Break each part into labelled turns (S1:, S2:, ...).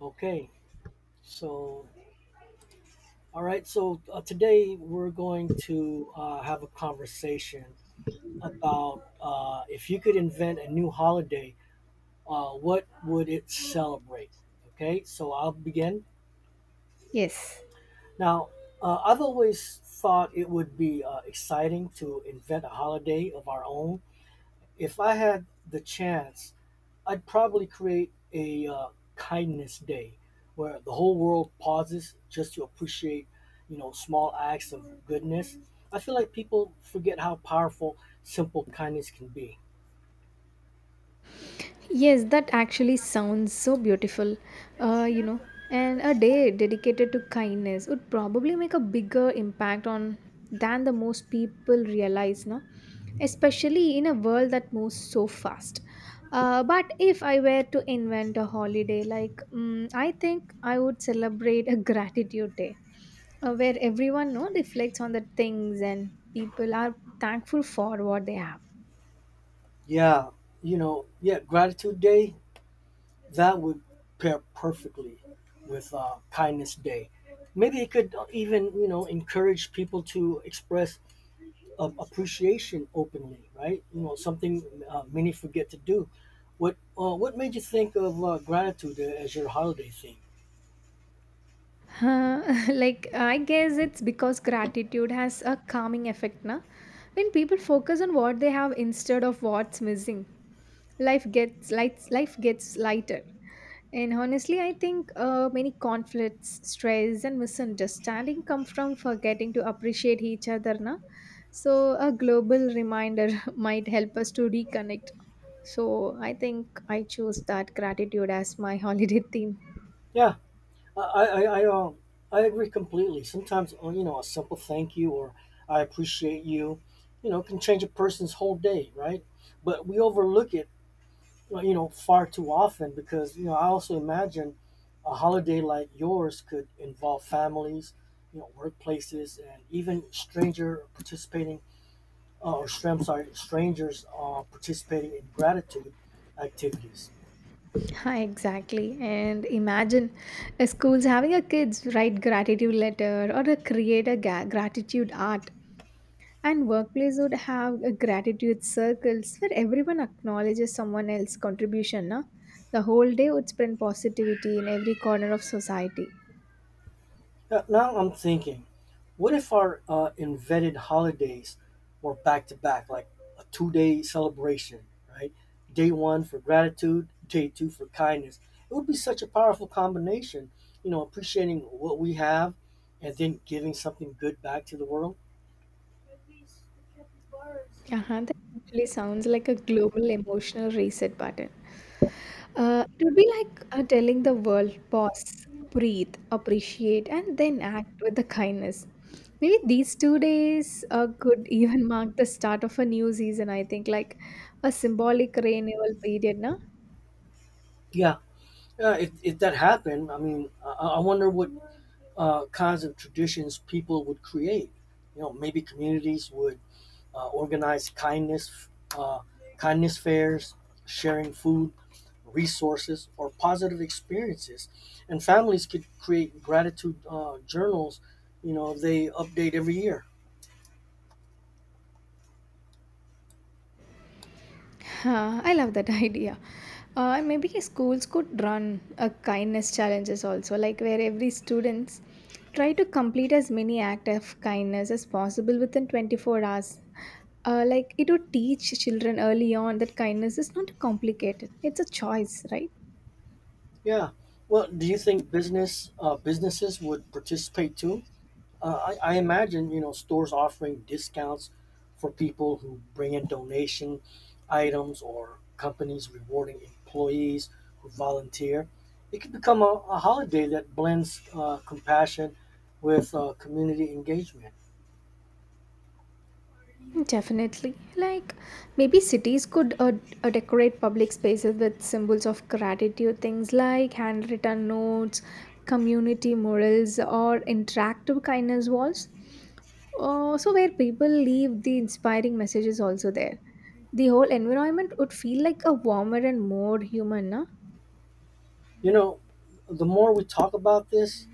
S1: Okay, so so today we're going to have a conversation about if you could invent a new holiday, what would it celebrate? Okay, so I'll begin.
S2: Yes,
S1: Now, I've always thought it would be exciting to invent a holiday of our own. If I had the chance, I'd probably create a kindness day where the whole world pauses just to appreciate, you know, small acts of goodness. I feel like people forget how powerful simple kindness can be.
S2: yes, that actually sounds so beautiful, uh, you know. And a day dedicated to kindness would probably make a bigger impact on than the most people realize, no? Especially in a world that moves so fast. But if I were to invent a holiday, like I think I would celebrate a gratitude day where everyone no reflects on the things and people are thankful for what they have.
S1: Yeah, you know, yeah, gratitude day that would pair perfectly with kindness day. Maybe it could even, you know, encourage people to express of appreciation openly, right? You know, something many forget to do. What made you think of gratitude as your holiday theme?
S2: Uh, I guess it's because gratitude has a calming effect na. When people focus on what they have instead of what's missing, life gets lighter. And honestly I think many conflicts stress and misunderstanding come from forgetting to appreciate each other na. So a global reminder might help us to reconnect. So I think I choose that gratitude as my holiday theme.
S1: Yeah, I I I, uh, I agree completely. Sometimes you know a simple thank you or I appreciate you, you know, can change a person's whole day, right? But we overlook it, you know, far too often because you know I also imagine a holiday like yours could involve families, you know, workplaces, and even stranger participating or str- I'm sorry, strangers participating in gratitude activities.
S2: Hi, exactly. And imagine schools having a kids write gratitude letter or a create a gratitude art. And workplace would have a gratitude circles where everyone acknowledges someone else's contribution. Na? The whole day would spread positivity in every corner of society.
S1: Now I'm thinking, what if our invented holidays were back to back, like a two-day celebration, right? Day one for gratitude, day two for kindness. It would be such a powerful combination, you know, appreciating what we have and then giving something good back to the world.
S2: Uh-huh, that actually sounds like a global emotional reset button. It would be like telling the world, pause, breathe, appreciate, and then act with the kindness. Maybe these 2 days could even mark the start of a new season, I think, like a symbolic renewal period. Na?
S1: Yeah, Yeah. If that happened, I mean, I wonder what kinds of traditions people would create. You know, maybe communities would uh, organize uh, kindness fairs, sharing food, resources, or positive experiences, and families could create gratitude journals. You know, they update every year.
S2: Huh, I love that idea. And maybe schools could run a kindness challenges also, like where every students try to complete as many act of kindness as possible within 24 hours. Like it would teach children early on that kindness is not complicated; it's a choice, right?
S1: Yeah. Well, do you think businesses would participate too? I imagine you know stores offering discounts for people who bring in donation items or companies rewarding employees who volunteer. It could become a holiday that blends compassion with community engagement.
S2: Definitely. Like maybe cities could decorate public spaces with symbols of gratitude, things like handwritten notes, community murals, or interactive kindness walls. So where people leave the inspiring messages also there. The whole environment would feel like a warmer and more human, na?
S1: You know, the more we talk about this,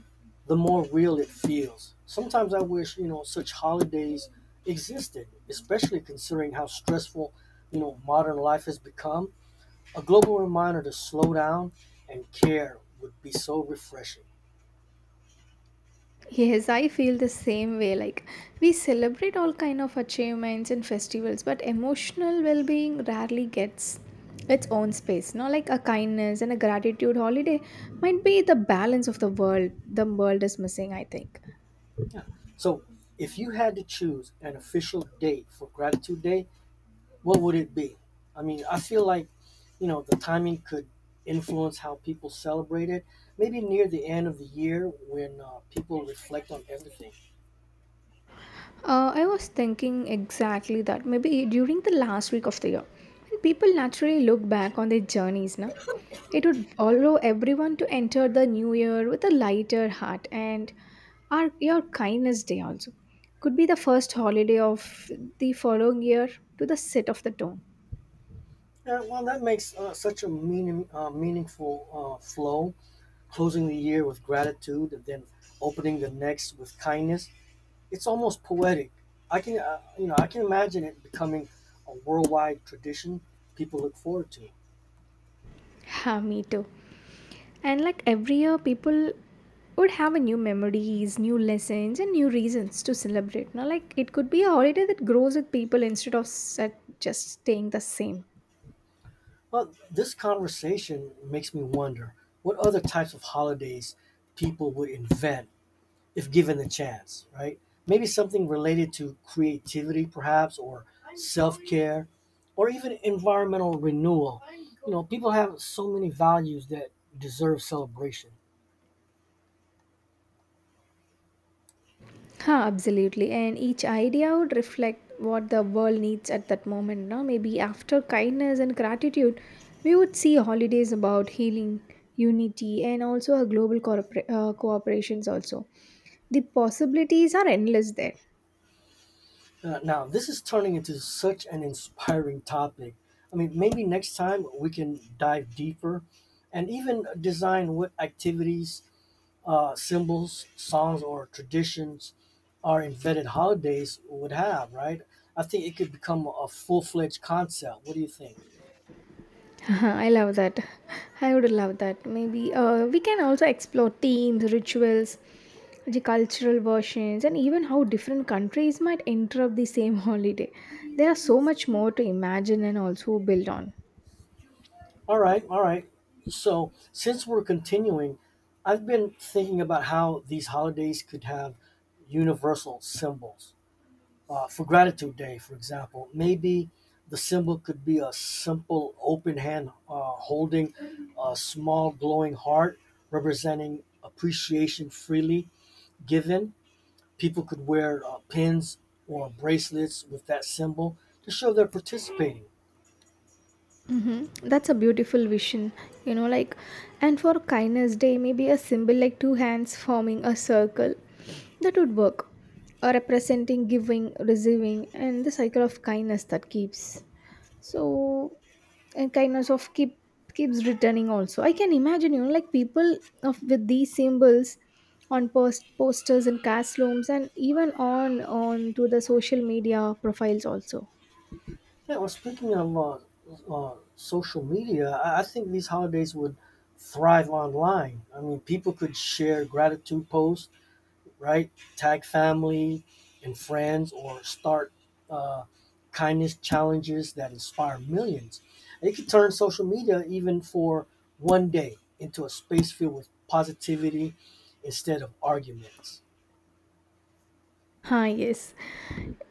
S1: the more real it feels. Sometimes I wish, you know, such holidays existed, especially considering how stressful, you know, modern life has become. A global reminder to slow down and care would be so refreshing.
S2: Yes, I feel the same way. Like we celebrate all kind of achievements and festivals, but emotional well-being rarely gets its own space. No, like a kindness and a gratitude holiday might be the balance of the world. The world is missing, I think.
S1: Yeah. So, if you had to choose an official date for Gratitude Day, what would it be? I mean, I feel like, you know, the timing could influence how people celebrate it. Maybe near the end of the year when people reflect on everything.
S2: I was thinking exactly that. Maybe during the last week of the year, when people naturally look back on their journeys, na, it would allow everyone to enter the new year with a lighter heart. And our your kindness day also could be the first holiday of the following year to the set of the tone.
S1: Yeah, well, that makes such a meaningful flow. Closing the year with gratitude and then opening the next with kindness it's almost poetic. I can you know I can imagine it becoming a worldwide tradition people look forward to.
S2: Ha, me too. And like every year, people would have a new memories, new lessons, and new reasons to celebrate. Now, like it could be a holiday that grows with people instead of set, just staying the same.
S1: But this conversation makes me wonder what other types of holidays people would invent if given the chance, right? Maybe something related to creativity, perhaps, or self care, or even environmental renewal. You know, people have so many values that deserve celebration.
S2: Huh, absolutely. And each idea would reflect what the world needs at that moment. Now, maybe after kindness and gratitude, we would see holidays about healing, unity, and also a global cooperations also. The possibilities are endless there.
S1: Now, this is turning into such an inspiring topic. I mean, maybe next time we can dive deeper and even design what activities, symbols, songs, or traditions our invented holidays would have, right? I think it could become a full fledged concept. What do you think?
S2: I love that. I would love that. Maybe we can also explore themes, rituals, the cultural versions, and even how different countries might interrupt the same holiday. There are so much more to imagine and also build on.
S1: All right. So, since we're continuing, I've been thinking about how these holidays could have universal symbols for Gratitude Day, for example, maybe the symbol could be a simple open hand holding a small glowing heart representing appreciation freely given. People could wear pins or bracelets with that symbol to show they're participating.
S2: Mm-hmm. That's a beautiful vision, you know, like, and for kindness day, maybe a symbol like two hands forming a circle that would work, or representing giving, receiving, and the cycle of kindness that keeps. So, and kindness of keep keeps returning also. I can imagine, you know, like people of with these symbols on posters and castlooms and even on to the social media profiles also.
S1: Yeah, well, speaking of social media, I think these holidays would thrive online. I mean, people could share gratitude posts right? Tag family and friends or start uh, kindness challenges that inspire millions. It can turn social media, even for one day, into a space filled with positivity instead of arguments.
S2: Ah, yes.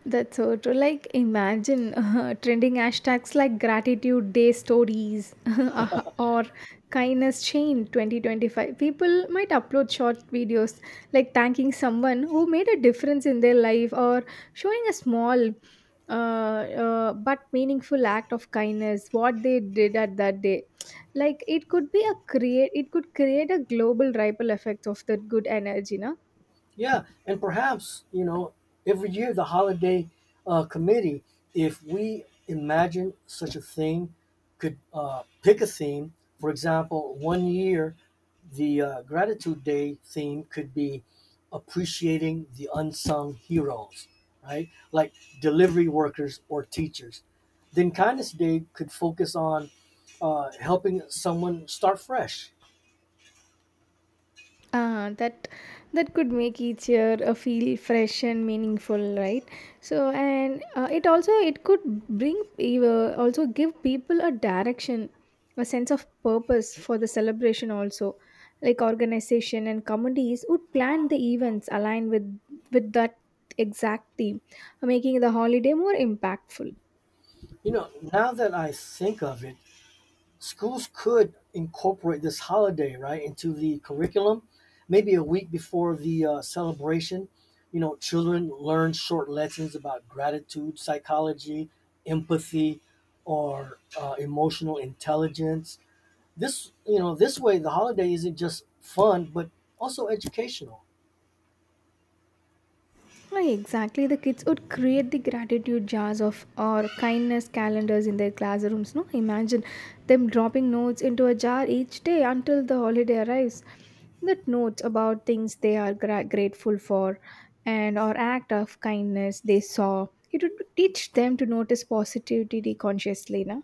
S2: That's so true. Like, imagine trending hashtags like gratitude day stories or kindness chain 2025. People might upload short videos like thanking someone who made a difference in their life or showing a small uh, but meaningful act of kindness, what they did at that day. Like, it could create a global ripple effect of that good energy, na?
S1: Yeah, and perhaps, you know, every year the holiday committee, if we imagine such a thing, could pick a theme. For example, one year the Gratitude Day theme could be appreciating the unsung heroes, right? Like delivery workers or teachers. Then Kindness Day could focus on helping someone start fresh.
S2: Ah, that could make each year feel fresh and meaningful, right? So, and it could bring also give people a direction, a sense of purpose for the celebration. Also, like organization and communities would plan the events aligned with that exact theme, making the holiday more impactful.
S1: You know, now that I think of it, schools could incorporate this holiday right into the curriculum maybe a week before the celebration you know children learn short lessons about gratitude psychology empathy or emotional intelligence this you know this way the holiday isn't just fun but also educational.
S2: Why exactly the kids would create the gratitude jars of or kindness calendars in their classrooms. No, imagine them dropping notes into a jar each day until the holiday arrives. That notes about things they are grateful for, and or act of kindness they saw. It would teach them to notice positivity consciously, na.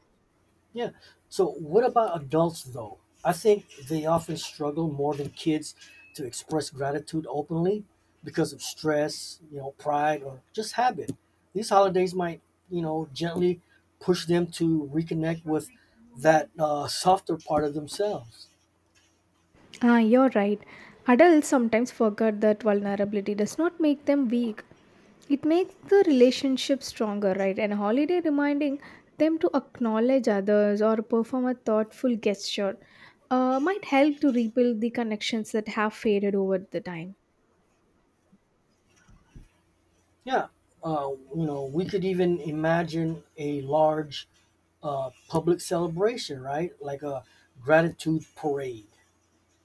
S1: Yeah. So, what about adults, though? I think they often struggle more than kids to express gratitude openly because of stress, you know, pride, or just habit. These holidays might, you know, gently push them to reconnect with that softer part of themselves.
S2: Ah, you're right. Adults sometimes forget that vulnerability does not make them weak. It makes the relationship stronger, right? And a holiday reminding them to acknowledge others or perform a thoughtful gesture might help to rebuild the connections that have faded over the time.
S1: Yeah. You know, we could even imagine a large public celebration, right? Like a gratitude parade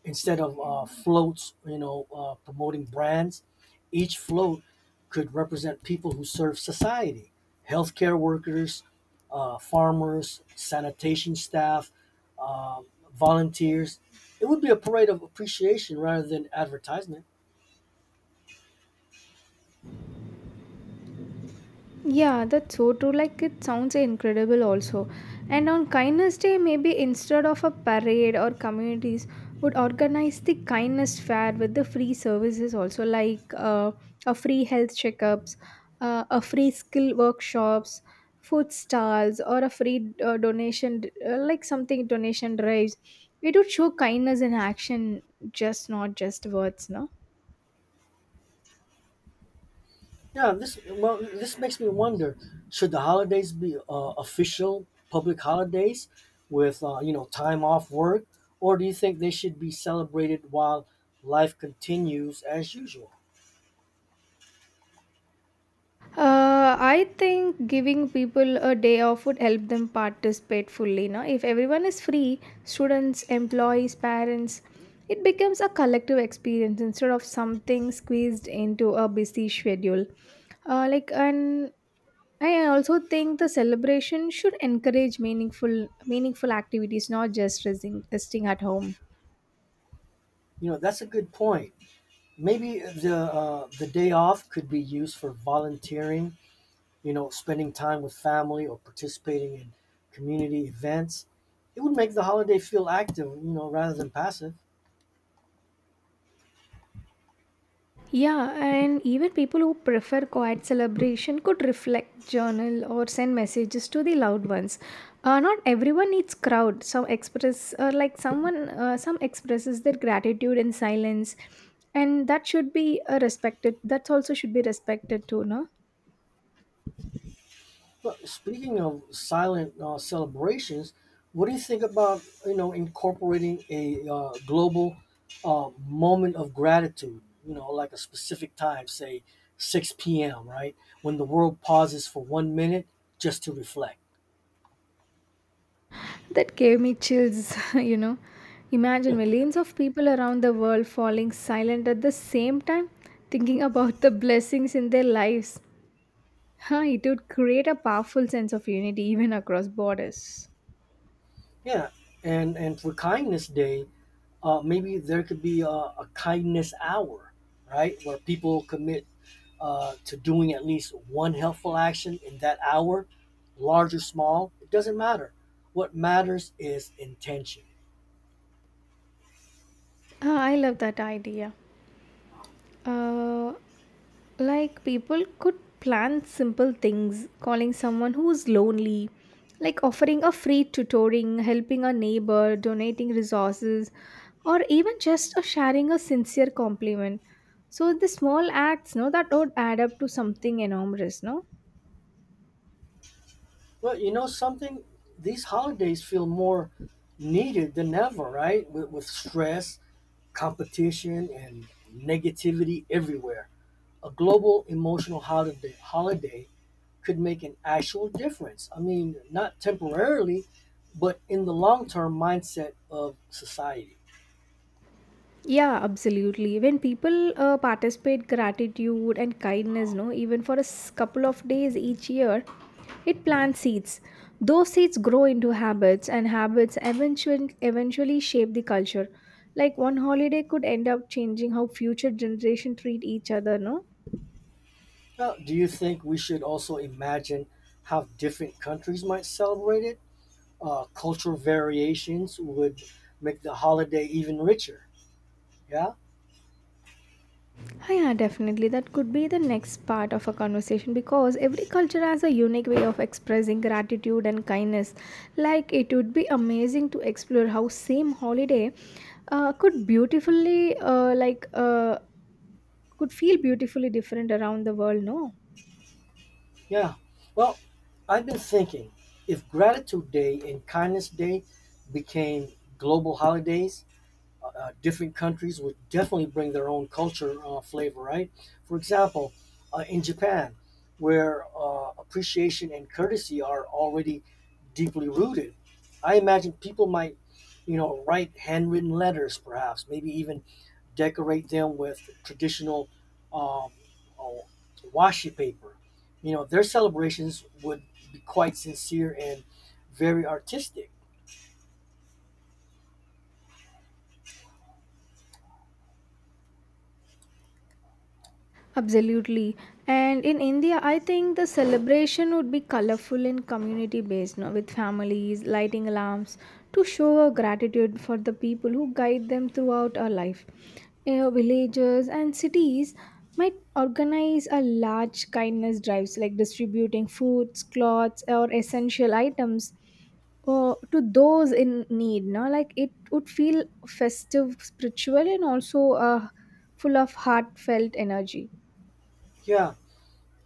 S1: instead of floats, you know, promoting brands, each float could represent people who serve society, healthcare workers, farmers, sanitation staff, um volunteers. It would be a parade of appreciation rather than advertisement.
S2: Yeah, that's so true. Like it sounds incredible also. And on Kindness Day, maybe instead of a parade or communities would organize the kindness fair with the free services also like a free health checkups, a free skill workshops, food stalls or a free donation like something donation drives. It would show kindness in action, just not just words, no?
S1: Yeah, this well, this makes me wonder: should the holidays be official public holidays with you know time off work, or do you think they should be celebrated while life continues as usual?
S2: I think giving people a day off would help them participate fully. No? If everyone is free, students, employees, parents, it becomes a collective experience instead of something squeezed into a busy schedule. Like and I also think the celebration should encourage meaningful activities, not just resting at home.
S1: You know, that's a good point. Maybe the day off could be used for volunteering. You know, spending time with family or participating in community events. It would make the holiday feel active, you know, rather than passive.
S2: Yeah, and even people who prefer quiet celebration could reflect, journal, or send messages to the loud ones. Not everyone needs crowd. Some expresses their gratitude in silence, and that should be respected. That also should be respected too, no?
S1: Well, speaking of silent celebrations, what do you think about you know incorporating a global moment of gratitude? You know, like a specific time, say 6 p.m. Right when the world pauses for one minute just to reflect.
S2: That gave me chills, you know. Imagine millions of people around the world falling silent at the same time, thinking about the blessings in their lives. Huh, it would create a powerful sense of unity even across borders.
S1: Yeah, and for Kindness Day, maybe there could be a kindness hour, right, where people commit to doing at least one helpful action in that hour, large or small, it doesn't matter. What matters is intention.
S2: Ah, I love that idea. Uh, like people could plan simple things, calling someone who's lonely, like offering a free tutoring, helping a neighbor, donating resources, or even just a sharing a sincere compliment. So the small acts, no, that would add up to something enormous, no?
S1: Well, you know something? These holidays feel more needed than ever, right? With stress, competition, and negativity everywhere. A global emotional holiday could make an actual difference. I mean, not temporarily, but in the long term mindset of society.
S2: Yeah, absolutely. When people participate gratitude and kindness, no, even for a couple of days each year, it plants seeds. Those seeds grow into habits, and habits eventually shape the culture. Like one holiday could end up changing how future generation treat each other, no?
S1: Now, do you think we should also imagine how different countries might celebrate it? Cultural variations would make the holiday even richer. Yeah,
S2: Hi, yeah, definitely. That could be the next part of a conversation because every culture has a unique way of expressing gratitude and kindness. Like it would be amazing to explore how same holiday uh, could beautifully, uh, like, uh, could feel beautifully different around the world. No.
S1: yeah. Well, I've been thinking if Gratitude Day and Kindness Day became global holidays, different countries would definitely bring their own culture flavor, right? For example, in Japan, where appreciation and courtesy are already deeply rooted, I imagine people might, you know, write handwritten letters, perhaps, maybe even decorate them with traditional um, oh, washi paper. You know, their celebrations would be quite sincere and very artistic.
S2: Absolutely. And in India, I think the celebration would be colorful and community based, no? With families lighting alarms to show our gratitude for the people who guide them throughout our life. You know, villages and cities might organize a large kindness drives like distributing foods, clothes, or essential items to those in need. No? Like it would feel festive, spiritual, and also full of heartfelt energy.
S1: Yeah,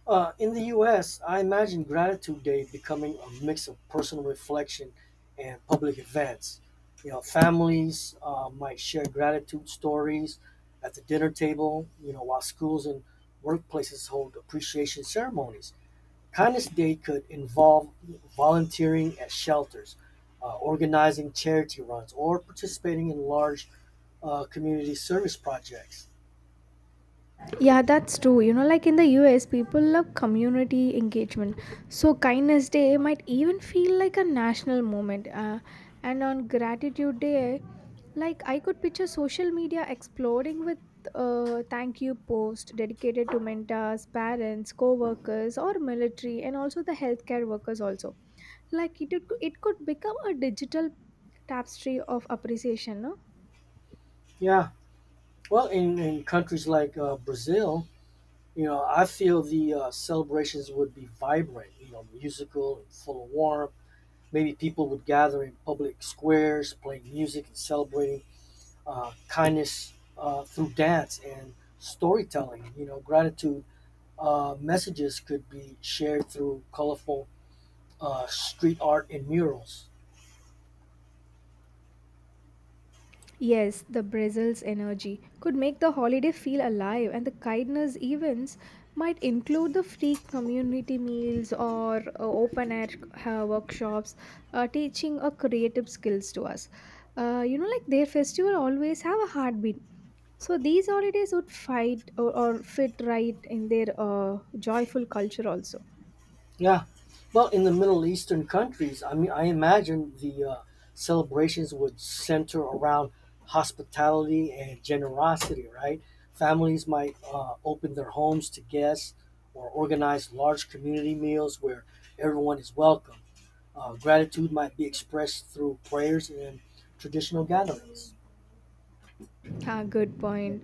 S1: In the US, I imagine Gratitude Day becoming a mix of personal reflection and public events. You know, families might share gratitude stories at the dinner table, you know, while schools and workplaces hold appreciation ceremonies. Kindness Day could involve volunteering at shelters, organizing charity runs, or participating in large community service projects.
S2: Yeah, that's true. You know, like in the US, people love community engagement. So, Kindness Day might even feel like a national moment. And on Gratitude Day, like I could picture social media exploding with thank you post dedicated to mentors, parents, co workers, or military, and also the healthcare workers, also. Like it could become a digital tapestry of appreciation, no?
S1: Yeah. Well, in countries like Brazil, you know, I feel the celebrations would be vibrant, you know, musical and full of warmth. Maybe people would gather in public squares, playing music and celebrating kindness through dance and storytelling. You know, gratitude messages could be shared through colorful street art and murals.
S2: Yes, the Brazil's energy could make the holiday feel alive, and the kindness events might include the free community meals or open air workshops, teaching creative skills to us. You know, like their festival always have a heartbeat. So these holidays would or fit right in their joyful culture also.
S1: Yeah. Well, in the Middle Eastern countries, I mean, I imagine the celebrations would center around hospitality and generosity, right? Families might open their homes to guests or organize large community meals where everyone is welcome. Gratitude might be expressed through prayers and traditional gatherings.
S2: Ah, good point.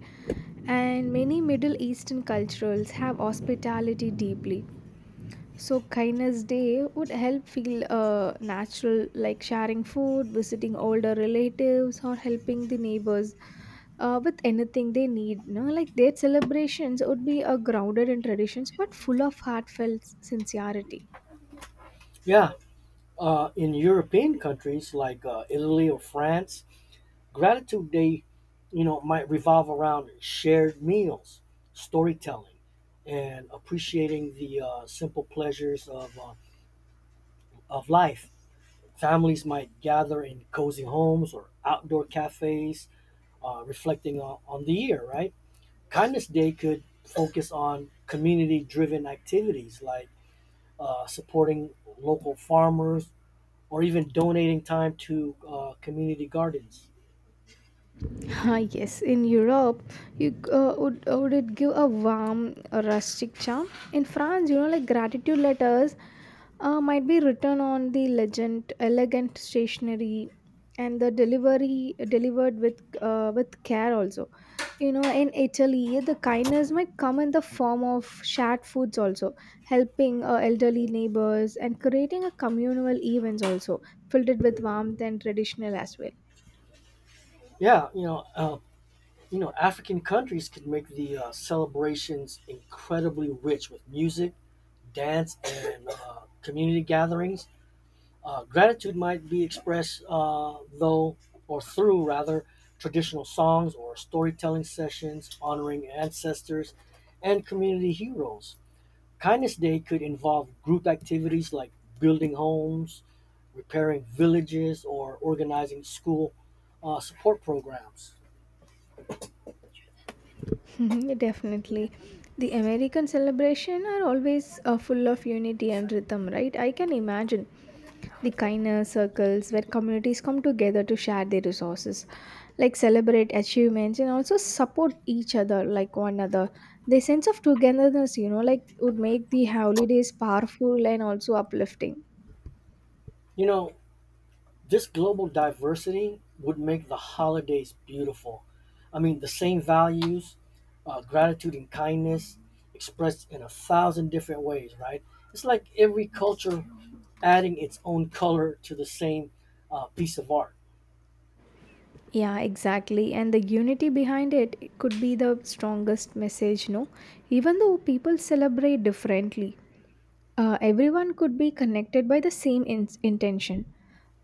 S2: And many Middle Eastern cultures have hospitality deeply. So, kindness day would help feel natural, like sharing food, visiting older relatives, or helping the neighbors with anything they need. No, like their celebrations would be grounded in traditions but full of heartfelt sincerity.
S1: Yeah. In European countries like Italy or France, Gratitude Day, you know, might revolve around shared meals, storytelling, and appreciating the simple pleasures of life. Families might gather in cozy homes or outdoor cafes, reflecting on the year, right? Kindness Day could focus on community driven activities like supporting local farmers or even donating time to community gardens.
S2: Ah, yes, in Europe, would it give a warm, a rustic charm? In France, you know, like gratitude letters might be written on the legend, elegant stationery, and the delivery delivered with care also. You know, in Italy, the kindness might come in the form of shared foods also, helping elderly neighbors and creating a communal events also, filled it with warmth and traditional as well.
S1: Yeah, you know, uh, you know, African countries can make the celebrations incredibly rich with music, dance, and community gatherings. Gratitude might be expressed, though, or through rather, traditional songs or storytelling sessions honoring ancestors and community heroes. Kindness Day could involve group activities like building homes, repairing villages, or organizing school support programs.
S2: Mhm, definitely. The American celebration are always full of unity and rhythm, right? I can imagine the kinder circles where communities come together to share their resources, like celebrate achievements and also support each other, like one another. The sense of togetherness, you know, like would make the holidays powerful and also uplifting.
S1: You know, this global diversity would make the holidays beautiful. I mean, the same values, gratitude and kindness expressed in a thousand different ways, right? It's like every culture adding its own color to the same piece of art.
S2: Yeah, exactly. And the unity behind it, it could be the strongest message, no? Even though people celebrate differently. Everyone could be connected by the same intention.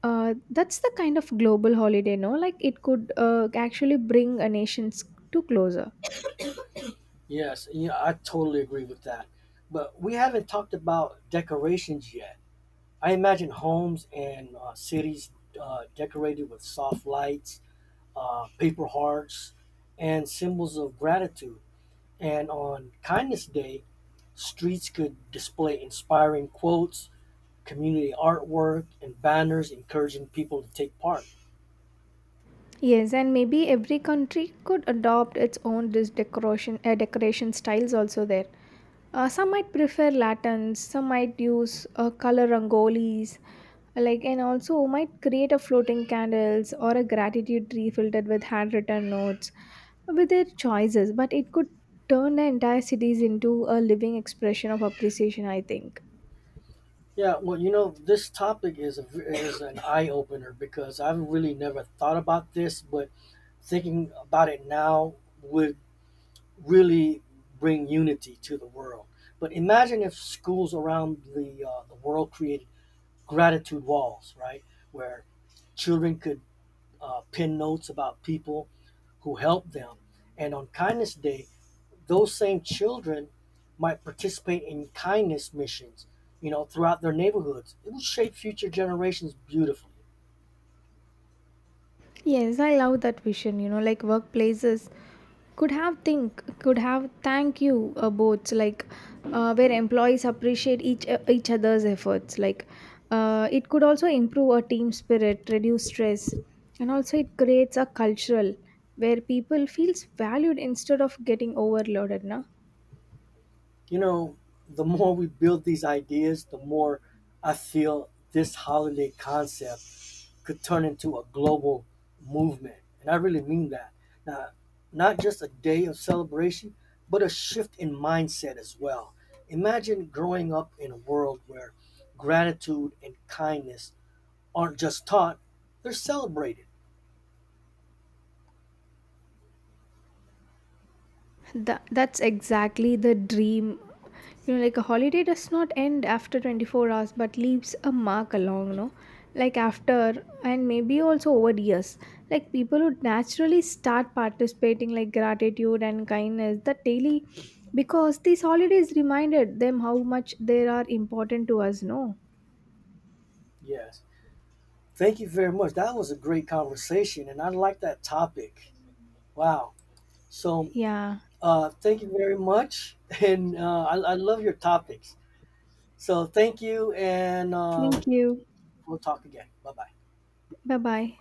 S2: That's the kind of global holiday, no? Like it could actually bring a nations to closer.
S1: Yes, yeah, I totally agree with that. But we haven't talked about decorations yet. I imagine homes and cities decorated with soft lights, paper hearts, and symbols of gratitude. And on Kindness Day, streets could display inspiring quotes, community artwork, and banners encouraging people to take part.
S2: Yes, and maybe every country could adopt its own decoration styles also there. Some might prefer latins, some might use color rangolis, like and also might create a floating candles or a gratitude tree filled with handwritten notes with their choices. But it could turn the entire cities into a living expression of appreciation. I think.
S1: Yeah, well, you know, this topic is is an eye opener because I've really never thought about this, but thinking about it now would really bring unity to the world. But imagine if schools around the world created gratitude walls, right, where children could pen notes about people who helped them. And on Kindness Day, those same children might participate in kindness missions, you know, throughout their neighborhoods. It will shape future generations beautifully.
S2: Yes, I love that vision. You know, like workplaces could have thank you boards like where employees appreciate each other's efforts. Like it could also improve our team spirit, reduce stress, and also it creates a cultural where people feels valued instead of getting overloaded. Na?
S1: You know, the more we build these ideas, the more I feel this holiday concept could turn into a global movement. And I really mean that. Now, not just a day of celebration, but a shift in mindset as well. Imagine growing up in a world where gratitude and kindness aren't just taught, they're celebrated.
S2: That's exactly the dream. You know, like a holiday does not end after 24 hours but leaves a mark along, no? Like after and maybe also over years. Like people would naturally start participating like gratitude and kindness that daily because these holidays reminded them how much they are important to us, no?
S1: Yes. Thank you very much. That was a great conversation, and I like that topic. Wow. So,
S2: Yeah.
S1: thank you very much, and I love your topics. So, thank you, and
S2: Thank
S1: um,
S2: you.
S1: we'll talk again. Bye bye.
S2: Bye bye.